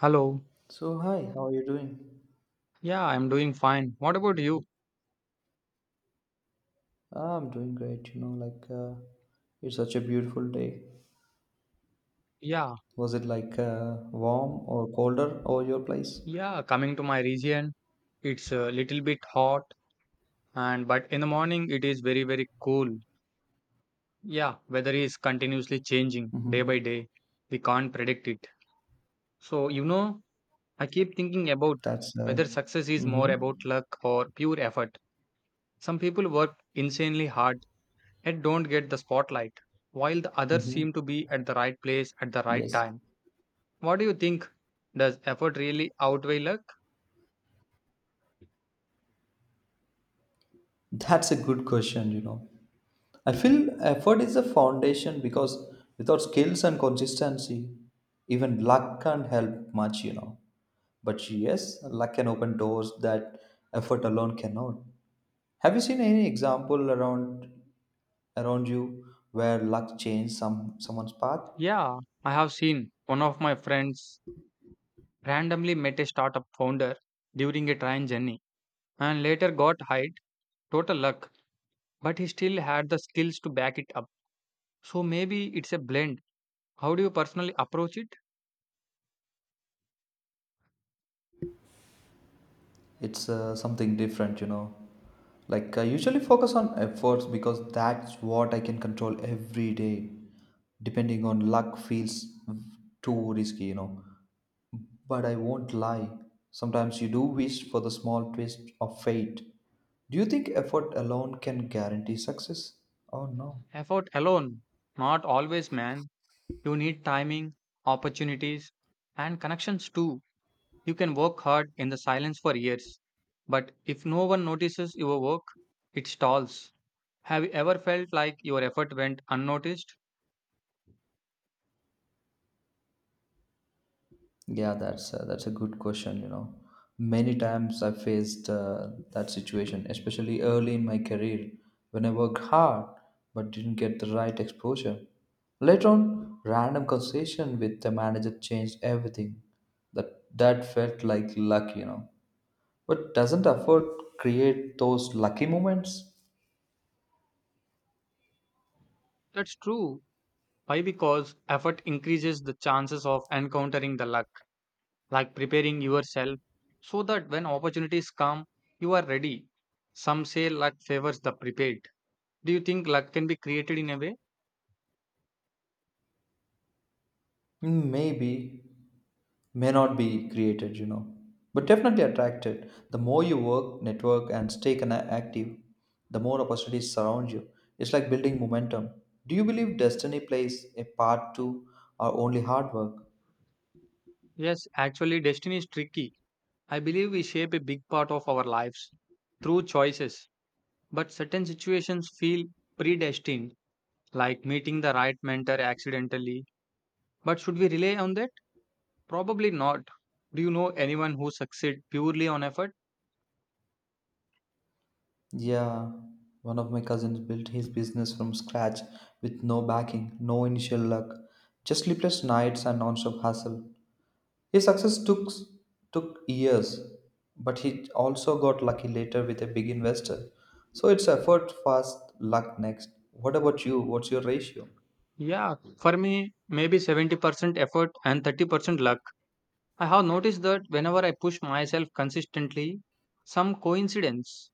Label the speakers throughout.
Speaker 1: Hello.
Speaker 2: So, hi, how are you doing?
Speaker 1: Yeah, I'm doing fine. What about you?
Speaker 2: I'm doing great, like it's such a beautiful day.
Speaker 1: Yeah,
Speaker 2: Was it like warm or colder over your place?
Speaker 1: yeah, coming to my region, it's a little bit hot and but in the morning it is very, very cool. Yeah, weather is continuously changing day by
Speaker 2: Mm-hmm.
Speaker 1: day. We can't predict it. So, you know, I keep thinking about
Speaker 2: That's
Speaker 1: whether success is more
Speaker 2: Mm-hmm,
Speaker 1: about luck or pure effort. Some people work insanely hard and don't get the spotlight, while the others
Speaker 2: mm-hmm.
Speaker 1: seem to be at the right place at the right
Speaker 2: Yes,
Speaker 1: time. What do you think? Does effort really outweigh luck?
Speaker 2: that's a good question. I feel effort is the foundation because without skills and consistency, even luck can't help much. But yes, luck can open doors that effort alone cannot. Have you seen any example around you where luck changed someone's path?
Speaker 1: Yeah, I have seen one of my friends randomly met a startup founder during a train journey and later got hired. Total luck, but he still had the skills to back it up. So maybe it's a blend. How do you personally approach it?
Speaker 2: It's something different like I usually focus on efforts because that's what I can control every day. Depending on luck feels too risky. But I won't lie. Sometimes you do wish for the small twist of fate. Do you think effort alone can guarantee success? Oh no.
Speaker 1: Effort alone. Not always, man. You need timing, opportunities, and connections too. You can work hard in the silence for years. But if no one notices your work, it stalls. Have you ever felt like your effort went unnoticed?
Speaker 2: Yeah, that's a good question. Many times I faced that situation, especially early in my career when I worked hard but didn't get the right exposure. Later on, random conversation with the manager changed everything. That felt like luck. But doesn't effort create those lucky moments?
Speaker 1: That's true. Why? Because effort increases the chances of encountering the luck, like preparing yourself so that when opportunities come, you are ready. Some say luck favors the prepared. Do you think luck can be created in a way?
Speaker 2: Maybe, may not be created, but definitely attracted. The more you work, network, and stay active, the more opportunities surround you. It's like building momentum. Do you believe destiny plays a part too, or only hard work?
Speaker 1: Yes, actually, destiny is tricky. I believe we shape a big part of our lives through choices, but certain situations feel predestined, like meeting the right mentor accidentally. But should we rely on that? Probably not. Do you know anyone who succeed purely on effort?
Speaker 2: Yeah, one of my cousins built his business from scratch with no backing, no initial luck, just sleepless nights and non-stop hustle. His success took years, but he also got lucky later with a big investor. So it's effort fast, luck next. What about you? What's your ratio?
Speaker 1: Yeah, for me, maybe 70% effort and 30% luck. I have noticed that whenever I push myself consistently, some coincidence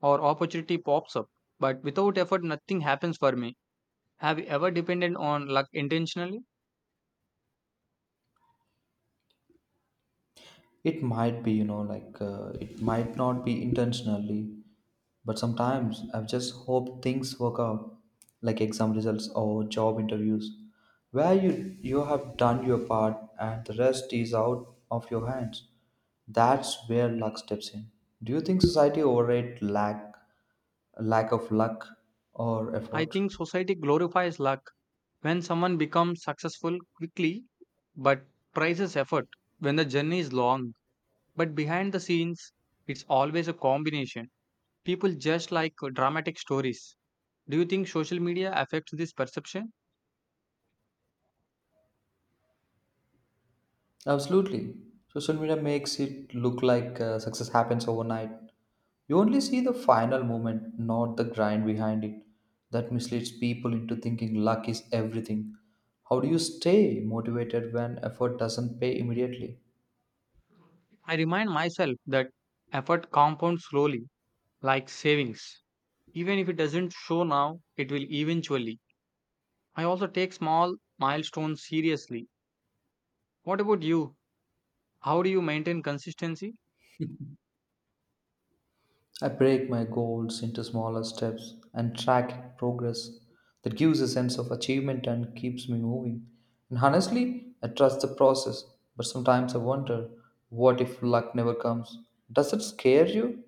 Speaker 1: or opportunity pops up. But without effort, nothing happens for me. Have you ever depended on luck intentionally?
Speaker 2: It might be, like it might not be intentionally, but sometimes I just hope things work out, like exam results or job interviews, where you have done your part and the rest is out of your hands. That's where luck steps in. Do you think society overrate lack of luck or
Speaker 1: I
Speaker 2: effort?
Speaker 1: think society glorifies luck when someone becomes successful quickly but prizes effort when the journey is long. But behind the scenes, it's always a combination. People just like dramatic stories. Do you think social media affects this perception?
Speaker 2: Absolutely. Social media makes it look like success happens overnight. You only see the final moment, not the grind behind it. That misleads people into thinking luck is everything. How do you stay motivated when effort doesn't pay immediately?
Speaker 1: I remind myself that effort compounds slowly, like savings. Even if it doesn't show now, it will eventually. I also take small milestones seriously. What about you? How do you maintain consistency?
Speaker 2: I break my goals into smaller steps and track progress. That gives a sense of achievement and keeps me moving. And honestly, I trust the process, but sometimes I wonder, what if luck never comes? Does it scare you?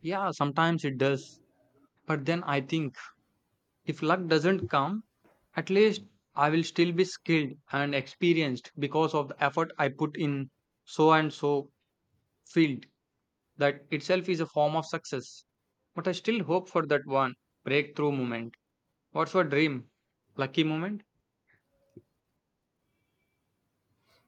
Speaker 1: Yeah, sometimes it does. But then I think if luck doesn't come, at least I will still be skilled and experienced because of the effort I put in so and so field. That itself is a form of success. But I still hope for that one breakthrough moment. What's your dream? Lucky moment?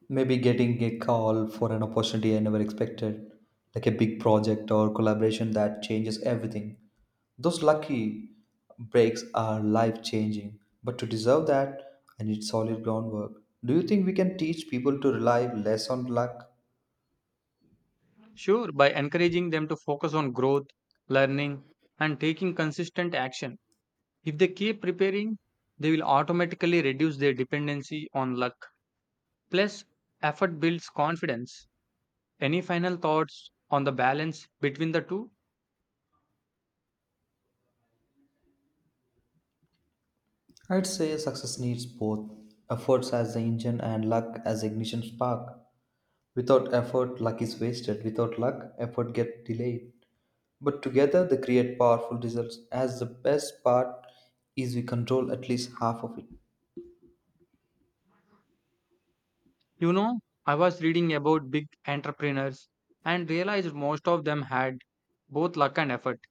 Speaker 2: Maybe getting a call for an opportunity I never expected, like a big project or collaboration that changes everything. Those lucky breaks are life changing, but to deserve that, I need solid groundwork. Do you think we can teach people to rely less on luck?
Speaker 1: Sure, by encouraging them to focus on growth, learning, and taking consistent action. If they keep preparing, they will automatically reduce their dependency on luck. Plus, effort builds confidence. Any final thoughts on the balance between the two?
Speaker 2: I'd say success needs both efforts as the engine and luck as the ignition spark. Without effort, luck is wasted. Without luck, effort gets delayed. But together, they create powerful results. As the best part is, we control at least half of it.
Speaker 1: You know, I was reading about big entrepreneurs and realized most of them had both luck and effort.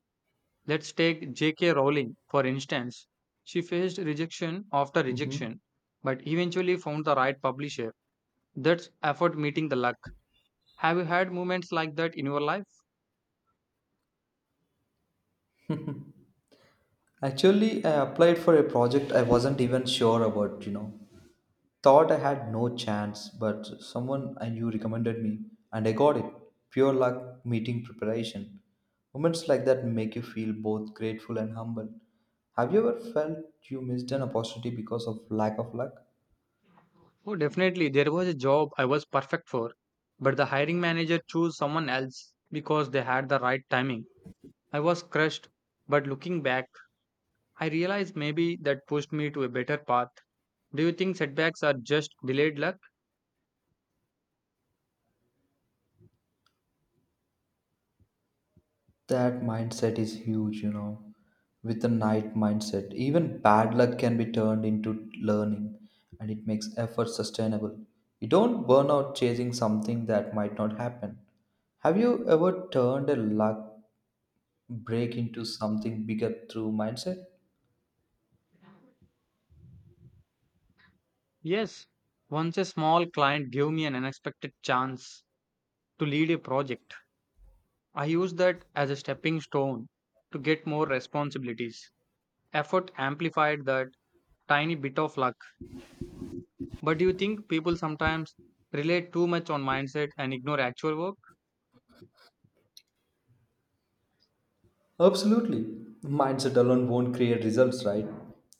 Speaker 1: Let's take J.K. Rowling, for instance. She faced rejection after
Speaker 2: Mhm.
Speaker 1: rejection, but eventually found the right publisher. That's effort meeting the luck. Have you had moments like that in your life?
Speaker 2: Actually, I applied for a project I wasn't even sure about. Thought I had no chance, but someone I knew recommended me, and I got it. Pure luck meeting preparation. Moments like that make you feel both grateful and humble. Have you ever felt you missed an opportunity because of lack of luck?
Speaker 1: Oh, definitely. There was a job I was perfect for, but the hiring manager chose someone else because they had the right timing. I was crushed, but looking back, I realized maybe that pushed me to a better path. Do you think setbacks are just delayed luck?
Speaker 2: That mindset is huge. With the night mindset, even bad luck can be turned into learning and it makes effort sustainable. You don't burn out chasing something that might not happen. Have you ever turned a luck break into something bigger through mindset?
Speaker 1: Yes. Once a small client gave me an unexpected chance to lead a project, I used that as a stepping stone to get more responsibilities. Effort amplified that tiny bit of luck. But do you think people sometimes rely too much on mindset and ignore actual work?
Speaker 2: Absolutely. Mindset alone won't create results, right?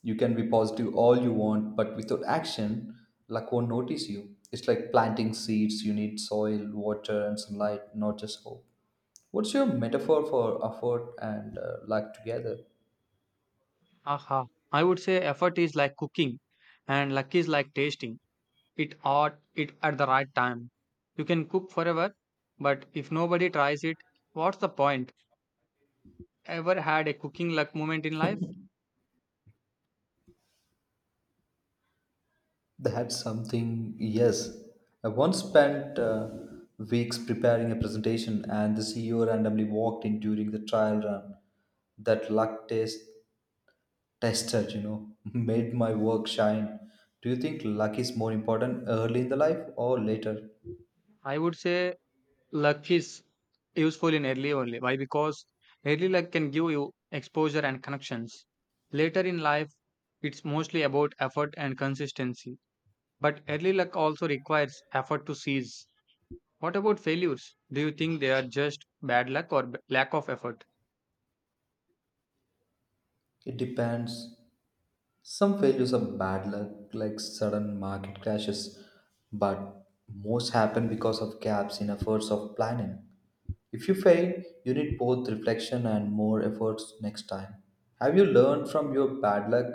Speaker 2: You can be positive all you want, but without action, luck won't notice you. It's like planting seeds. You need soil, water, and sunlight, not just hope. What's your metaphor for effort and luck together?
Speaker 1: Aha. I would say effort is like cooking and luck is like tasting. It ought it at the right time. You can cook forever, but if nobody tries it, what's the point? Ever had a cooking luck moment in life?
Speaker 2: That's something, yes. I once spent weeks preparing a presentation, and the CEO randomly walked in during the trial run. That luck tester, made my work shine. Do you think luck is more important early in the life or later?
Speaker 1: I would say luck is useful in early only. Why? Because early luck can give you exposure and connections. Later in life, it's mostly about effort and consistency. But early luck also requires effort to seize. What about failures? Do you think they are just bad luck or lack of effort?
Speaker 2: It depends. Some failures are bad luck, like sudden market crashes, but most happen because of gaps in efforts of planning. If you fail, you need both reflection and more efforts next time. Have you learned from your bad luck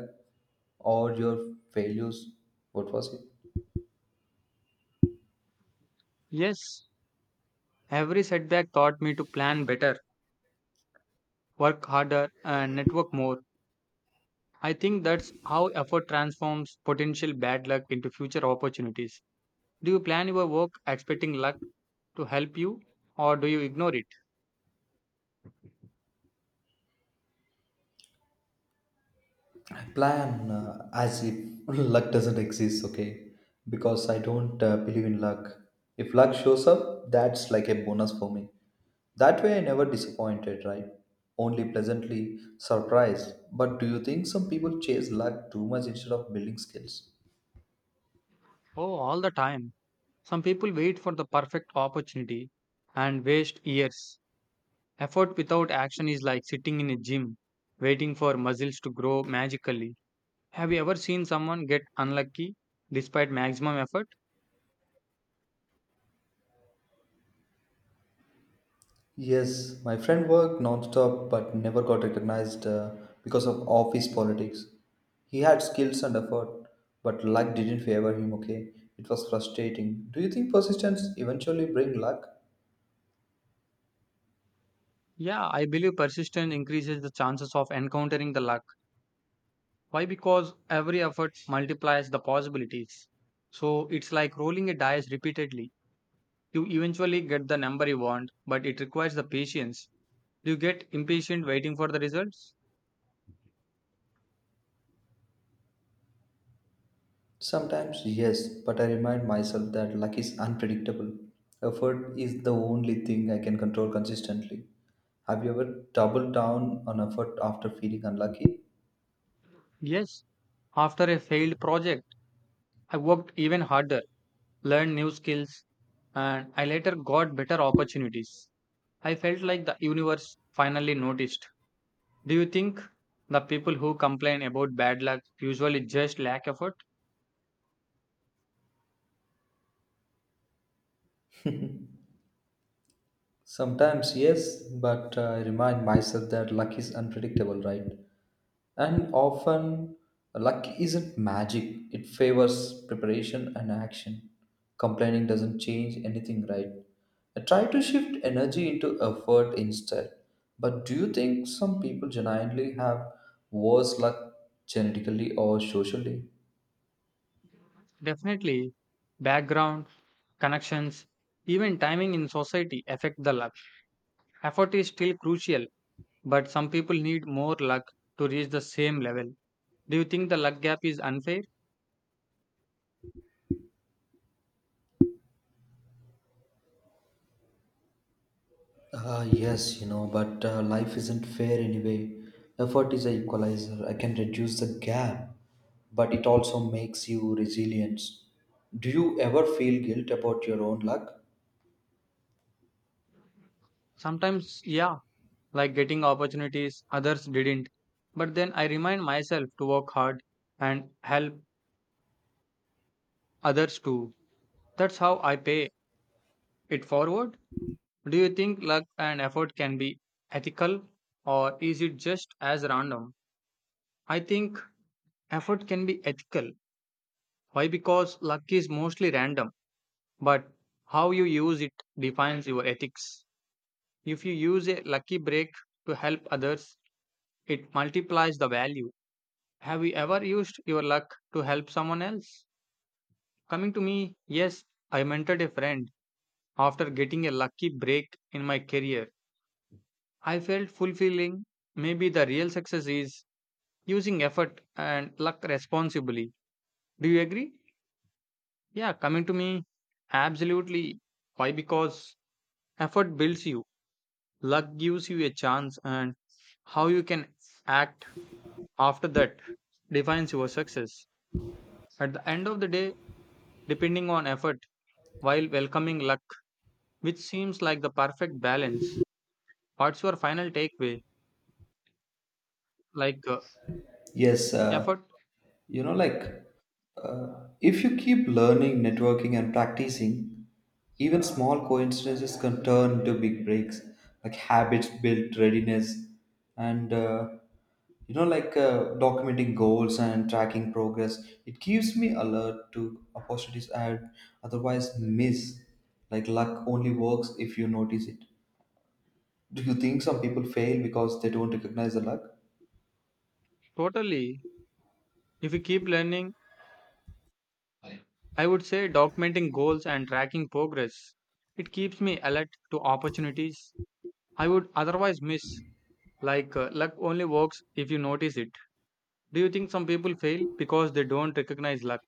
Speaker 2: or your failures? What was it?
Speaker 1: Yes, every setback taught me to plan better, work harder, and network more. I think that's how effort transforms potential bad luck into future opportunities. Do you plan your work expecting luck to help you, or do you ignore it?
Speaker 2: Plan as if luck doesn't exist. Okay, because I don't believe in luck. If luck shows up, that's like a bonus for me. That way I never disappointed, right? Only pleasantly surprised. But do you think some people chase luck too much instead of building skills?
Speaker 1: Oh, all the time. Some people wait for the perfect opportunity and waste years. Effort without action is like sitting in a gym, waiting for muscles to grow magically. Have you ever seen someone get unlucky despite maximum effort?
Speaker 2: Yes, my friend worked nonstop but never got recognized because of office politics. He had skills and effort, but luck didn't favor him, okay? It was frustrating. Do you think persistence eventually bring luck?
Speaker 1: Yeah, I believe persistence increases the chances of encountering the luck. Why? Because every effort multiplies the possibilities. So it's like rolling a dice repeatedly. You eventually get the number you want, but it requires the patience. Do you get impatient waiting for the results?
Speaker 2: Sometimes, yes, but I remind myself that luck is unpredictable. Effort is the only thing I can control consistently. Have you ever doubled down on effort after feeling unlucky?
Speaker 1: Yes. After a failed project, I worked even harder, learned new skills, and I later got better opportunities. I felt like the universe finally noticed. Do you think the people who complain about bad luck usually just lack effort?
Speaker 2: Sometimes, yes, but I remind myself that luck is unpredictable, right? And often, luck isn't magic, it favors preparation and action. Complaining doesn't change anything, right? I try to shift energy into effort instead. But do you think some people genuinely have worse luck genetically or socially?
Speaker 1: Definitely. Background, connections, even timing in society affect the luck. Effort is still crucial, but some people need more luck to reach the same level. Do you think the luck gap is unfair?
Speaker 2: Yes, but life isn't fair anyway. Effort is an equalizer. I can reduce the gap, but it also makes you resilient. Do you ever feel guilt about your own luck?
Speaker 1: Sometimes, yeah, like getting opportunities others didn't. But then I remind myself to work hard and help others too. That's how I pay it forward. Do you think luck and effort can be ethical or is it just as random? I think effort can be ethical. Why? Because luck is mostly random, but how you use it defines your ethics. If you use a lucky break to help others, it multiplies the value. Have you ever used your luck to help someone else? Coming to me, yes, I mentored a friend after getting a lucky break in my career. I felt fulfilling maybe the real success is using effort and luck responsibly. Do you agree? Yeah, coming to me, absolutely. Why? Because effort builds you, luck gives you a chance, and how you can act after that defines your success. At the end of the day, depending on effort while welcoming luck, which seems like the perfect balance. What's your final takeaway? Like
Speaker 2: Yes,
Speaker 1: effort,
Speaker 2: like if you keep learning, networking, and practicing, even small coincidences can turn into big breaks, like habits build readiness, and like documenting goals and tracking progress. It keeps me alert to opportunities I'd otherwise miss. Like luck only works if you notice it. Do you think some people fail because they don't recognize the luck?
Speaker 1: totally. If you keep learning, I would say documenting goals and tracking progress. It keeps me alert to opportunities I would otherwise miss. Like luck only works if you notice it. Do you think some people fail because they don't recognize luck?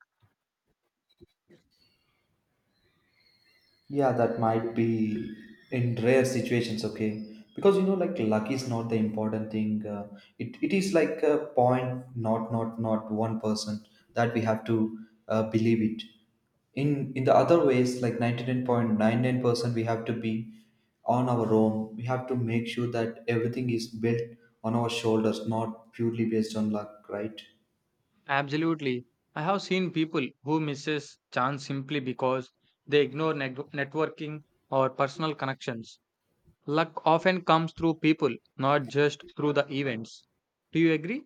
Speaker 2: Yeah, that might be in rare situations, okay? Because like luck is not the important thing. It is like a point, not 1% that we have to believe it. In the other ways, like 99.99%, we have to be on our own. We have to make sure that everything is built on our shoulders, not purely based on luck, right?
Speaker 1: Absolutely. I have seen people who misses chance simply because they ignore networking or personal connections. Luck often comes through people, not just through the events. Do you agree?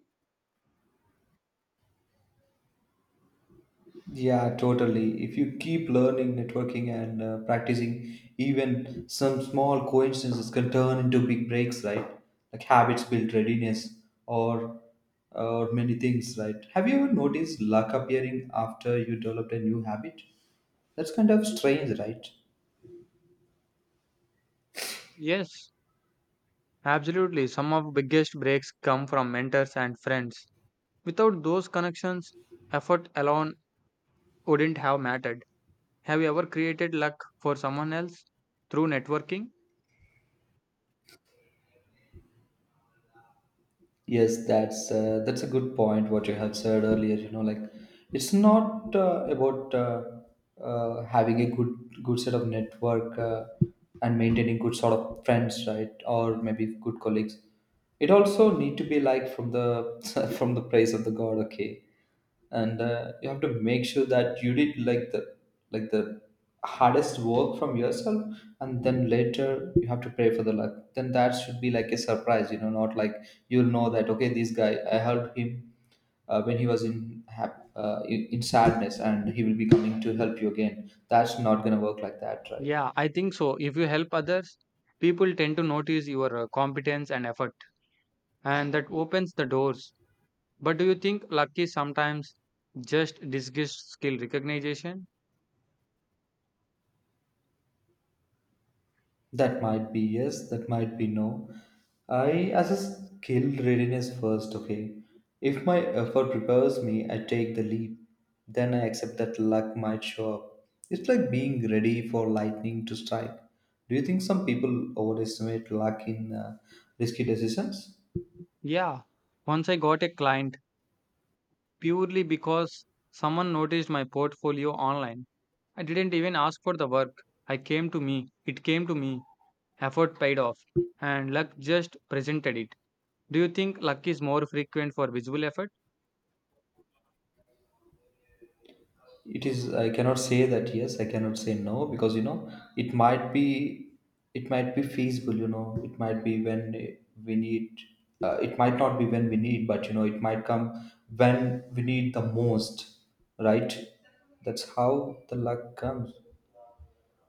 Speaker 2: Yeah, totally. If you keep learning, networking, and practicing, even some small coincidences can turn into big breaks, right? Like habits build readiness, or or many things, right? Have you ever noticed luck appearing after you developed a new habit? That's kind of strange, right?
Speaker 1: Yes. Absolutely, some of biggest breaks come from mentors and friends. Without those connections, effort alone wouldn't have mattered. Have you ever created luck for someone else through networking?
Speaker 2: Yes, that's a good point. What you have said earlier, like it's not about having a good set of network and maintaining good sort of friends, right? Or maybe good colleagues. It also need to be like from the from the praise of the God. Okay, and you have to make sure that you did like the hardest work from yourself, and then later you have to pray for the luck. Then that should be like a surprise, not like you'll know that, okay, this guy I helped him when he was in hap- in sadness, and he will be coming to help you again. That's not going to work like that, right?
Speaker 1: Yeah, I think so. If you help others, people tend to notice your competence and effort, and that opens the doors. But do you think luck is sometimes just disguised skill recognition?
Speaker 2: That might be yes, that might be no. I assess skill readiness first, okay? If my effort prepares me, I take the leap. Then I accept that luck might show up. It's like being ready for lightning to strike. Do you think some people overestimate luck in risky decisions?
Speaker 1: Yeah, once I got a client purely because someone noticed my portfolio online. I didn't even ask for the work. I came to me. It came to me. Effort paid off. And luck just presented it. Do you think luck is more frequent for visible effort?
Speaker 2: It is, I cannot say that yes, I cannot say no, because it might be it might be feasible. It might be when we need, it might not be when we need, but it might come when we need the most, right? That's how the luck comes.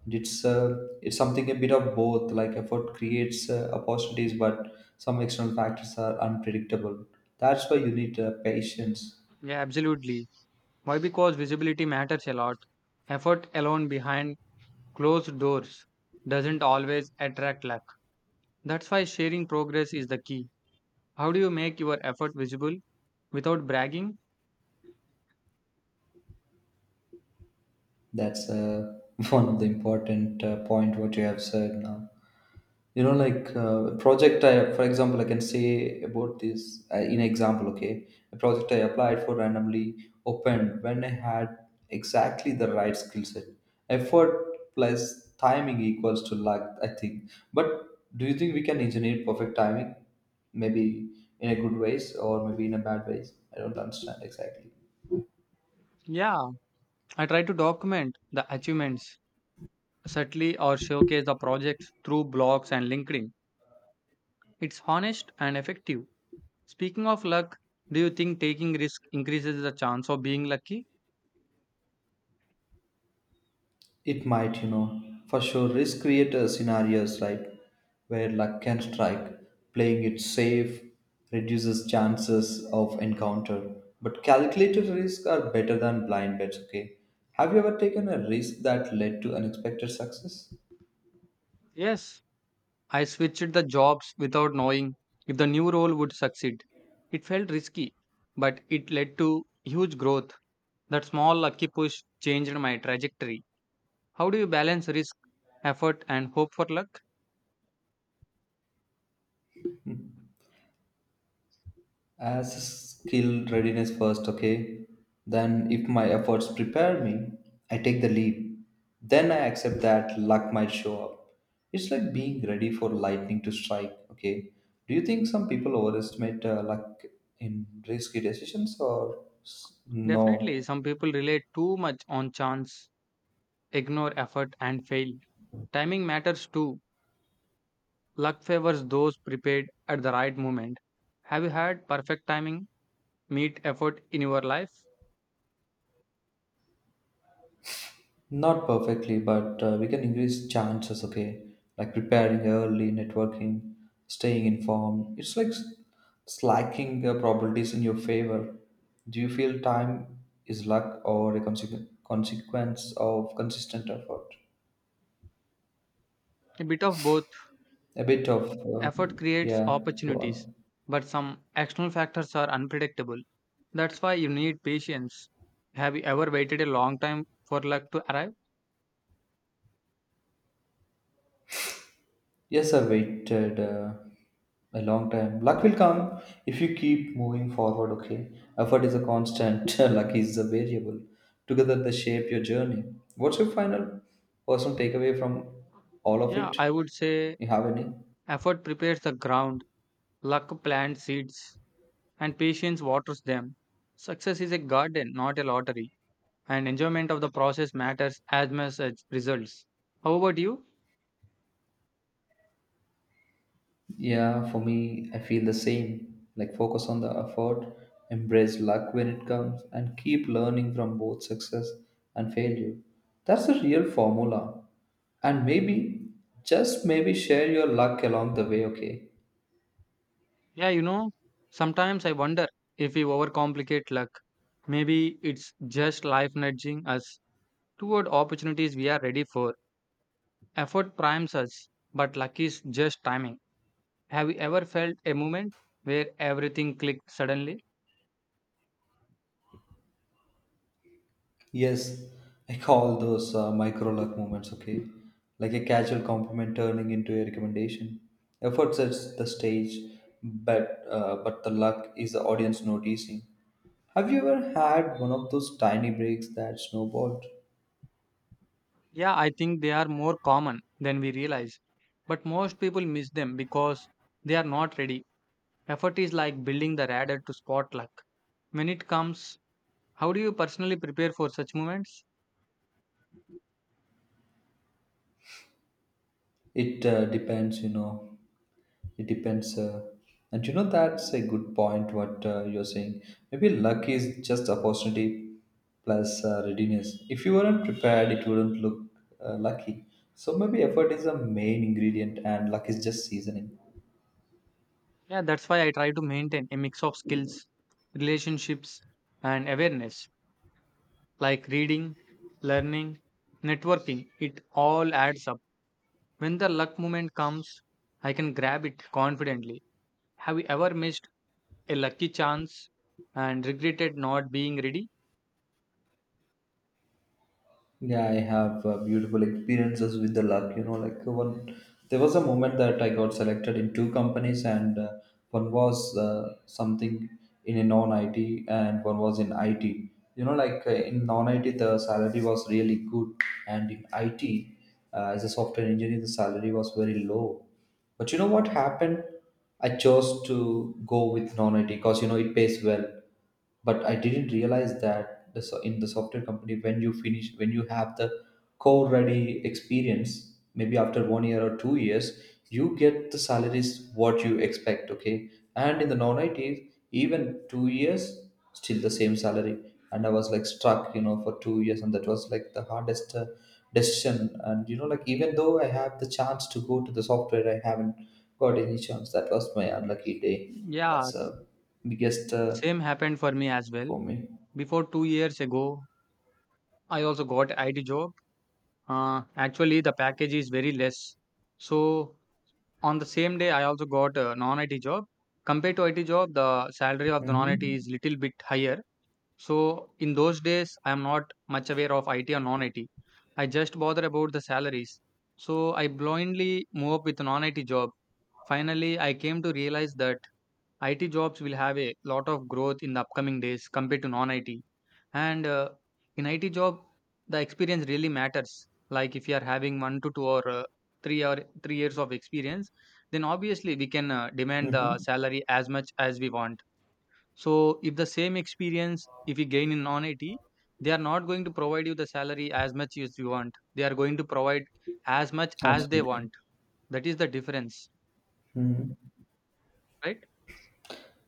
Speaker 2: It's uh, it's something a bit of both, like effort creates opportunities, but some external factors are unpredictable. That's why you need patience.
Speaker 1: Yeah, absolutely. Why? Because visibility matters a lot. Effort alone behind closed doors doesn't always attract luck. That's why sharing progress is the key. How do you make your effort visible without bragging?
Speaker 2: That's one of the important point what you have said now. Like project I, for example, I can say about this in example. Okay, a project I applied for randomly opened when I had exactly the right skill set. Effort plus timing equals to luck, I think. But do you think we can engineer perfect timing? Maybe in a good ways or maybe in a bad ways. I don't understand exactly.
Speaker 1: Yeah, I try to document the achievements subtly or showcase the projects through blogs and LinkedIn. It's honest and effective. Speaking of luck, do you think taking risk increases the chance of being lucky?
Speaker 2: It might, for sure risk create scenarios, right? Where luck can strike. Playing it safe reduces chances of encounter. But calculated risks are better than blind bets, okay? Have you ever taken a risk that led to unexpected success?
Speaker 1: Yes, I switched the jobs without knowing if the new role would succeed. It felt risky, but it led to huge growth. That small lucky push changed my trajectory. How do you balance risk, effort, and hope for luck?
Speaker 2: As skill readiness first. Okay, then if my efforts prepare me, I take the leap. Then I accept that luck might show up. It's like being ready for lightning to strike. Okay, do you think some people overestimate luck in risky decisions or s- no
Speaker 1: Definitely, some people rely too much on chance, ignore effort, and fail. Timing matters too. Luck favors those prepared at the right moment. Have you had perfect timing meet effort in your life?
Speaker 2: Not perfectly, but we can increase chances, okay? Like preparing early, networking, staying informed. It's like slacking probabilities in your favor. Do you feel time is luck or a consequence of consistent effort?
Speaker 1: A bit of both.
Speaker 2: A bit of,
Speaker 1: Effort creates
Speaker 2: yeah, go
Speaker 1: opportunities,
Speaker 2: on.
Speaker 1: but some external factors are unpredictable. That's why you need patience. Have you ever waited a long time for luck to arrive?
Speaker 2: Yes, I waited a long time. Luck will come if you keep moving forward, okay? Effort is a constant, luck is a variable. Together, they shape your journey. What's your final personal takeaway from all of
Speaker 1: Yeah,
Speaker 2: it?
Speaker 1: I would say
Speaker 2: You have any?
Speaker 1: effort prepares the ground, luck plants seeds, and patience waters them. Success is a garden, not a lottery, and enjoyment of the process matters as much as results. How about you?
Speaker 2: Yeah, for me, I feel the same. Like, focus on the effort, embrace luck when it comes, and keep learning from both success and failure. That's the real formula. And maybe, just maybe, share your luck along the way, okay?
Speaker 1: Yeah, you know, sometimes I wonder if we overcomplicate luck. Maybe it's just life nudging us toward opportunities we are ready for. Effort primes us, but luck is just timing. Have you ever felt a moment where everything clicked suddenly?
Speaker 2: Yes, I call those micro luck moments, okay? Like a casual compliment turning into a recommendation. Effort sets the stage, but the luck is the audience noticing. Have you ever had one of those tiny breaks that snowballed?
Speaker 1: Yeah, I think they are more common than we realize. But most people miss them because they are not ready. Effort is like building the radar to spot luck. When it comes, how do you personally prepare for such moments?
Speaker 2: It depends, you know. It depends. And you know, that's a good point what you're saying. Maybe luck is just opportunity plus readiness. If you weren't prepared, it wouldn't look lucky. So maybe effort is the main ingredient and luck is just seasoning.
Speaker 1: Yeah, that's why I try to maintain a mix of skills, relationships, and awareness like reading, learning, networking. It all adds up. When the luck moment comes, I can grab it confidently. Have you ever missed a lucky chance and regretted not being ready?
Speaker 2: Yeah, I have beautiful experiences with the luck. You know, like one, there was a moment that I got selected in two companies, and one was something in a non-IT, and one was in IT. You know, like in non-IT, the salary was really good, and in IT, as a software engineer, the salary was very low. But you know what happened? I chose to go with non-IT because you know it pays well, but I didn't realize that in the software company, when you finish, when you have the core ready experience, maybe after 1 year or 2 years, you get the salaries what you expect, okay? And in the non-IT, even 2 years, still the same salary. And I was like struck, you know, for 2 years, and that was like the hardest decision. And you know, like even though I have the chance to go to the software, I haven't got any chance. That was my unlucky day.
Speaker 1: Yeah,
Speaker 2: That's a biggest
Speaker 1: same happened for me as well.
Speaker 2: for me.
Speaker 1: Before 2 years ago, I also got IT job. Actually, the package is very less. So on the same day, I also got a non-IT job. Compared to IT job, the salary of the non-IT
Speaker 2: Mhm.
Speaker 1: is little bit higher. So in those days, I am not much aware of IT or non-IT. IT. I just bother about the salaries. So I blindly move up with a non-IT job. Finally, I came to realize that IT jobs will have a lot of growth in the upcoming days compared to non-IT. And in IT job, the experience really matters. Like if you are having 1 to 2 or 3 or 3 years of experience, then obviously we can demand the
Speaker 2: Mhm.
Speaker 1: salary as much as we want. So if the same experience, if you gain in non-IT, they are not going to provide you the salary as much as you want. They are going to provide as much as they
Speaker 2: Absolutely.
Speaker 1: want. That is the difference,
Speaker 2: Mhm.
Speaker 1: right?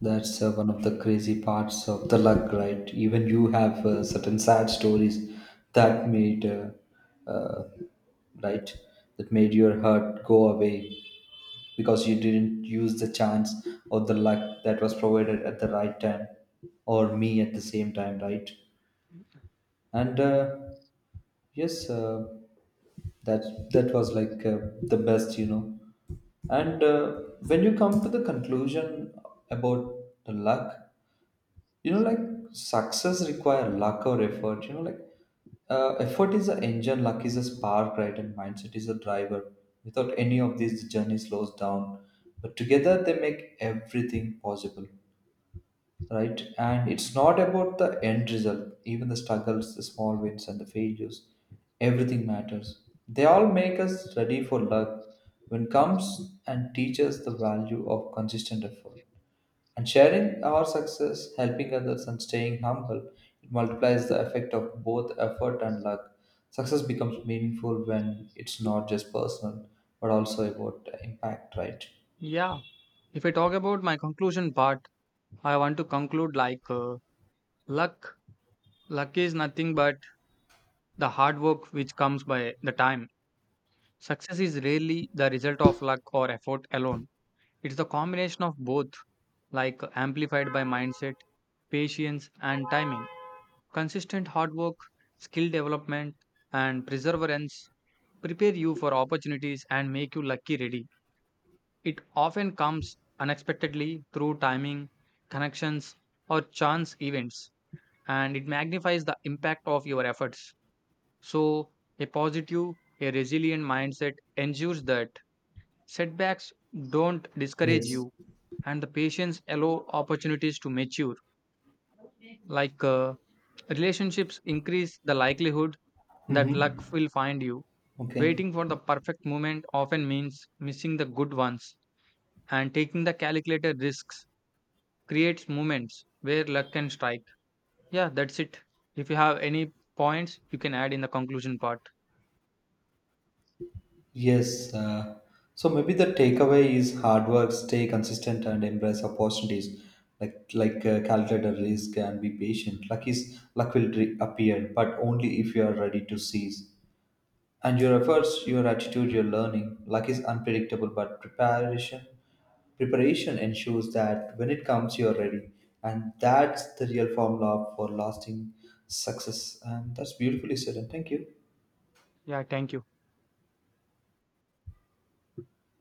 Speaker 2: That's one of the crazy parts of the luck, right? Even you have certain sad stories that made, uh, right, that made your heart go away because you didn't use the chance or the luck that was provided at the right time or me at the same time, right? And yes, that was like the best, you know. And when you come to the conclusion about the luck, you know, like success require luck or effort. You know, like effort is the engine, luck is a spark, right? And mindset is a driver. Without any of these, the journey slows down. But together, they make everything possible, right? And it's not about the end result, even the struggles, the small wins, and the failures. Everything matters. They all make us ready for luck when comes and teach us the value of consistent effort. And sharing our success, helping others, and staying humble, it multiplies the effect of both effort and luck. Success becomes meaningful when it's not just personal, but also about impact, right?
Speaker 1: Yeah. If I talk about my conclusion part, I want to conclude like luck. Luck is nothing but the hard work which comes by the time. Success is rarely the result of luck or effort alone. It's the combination of both, like amplified by mindset, patience, and timing. Consistent hard work, skill development, and perseverance prepare you for opportunities and make you lucky ready. It often comes unexpectedly through timing, connections, or chance events, and it magnifies the impact of your efforts. So, a positive, a resilient mindset ensures that setbacks don't discourage
Speaker 2: Yes.
Speaker 1: you and the patience allow opportunities to mature. Like relationships increase the likelihood that luck
Speaker 2: Mm-hmm.
Speaker 1: will find you.
Speaker 2: Okay.
Speaker 1: Waiting for the perfect moment often means missing the good ones, and taking the calculated risks creates moments where luck can strike. Yeah, that's it. If you have any points, you can add in the conclusion part.
Speaker 2: Yes. So maybe the takeaway is hard work, stay consistent, and embrace opportunities. Like calculate the risk and be patient. Luck will appear, but only if you are ready to seize. And your efforts, your attitude, your learning. Luck is unpredictable, but preparation ensures that when it comes, you are ready, and that's the real formula for lasting success. And that's beautifully said. And thank you.
Speaker 1: Yeah, thank you.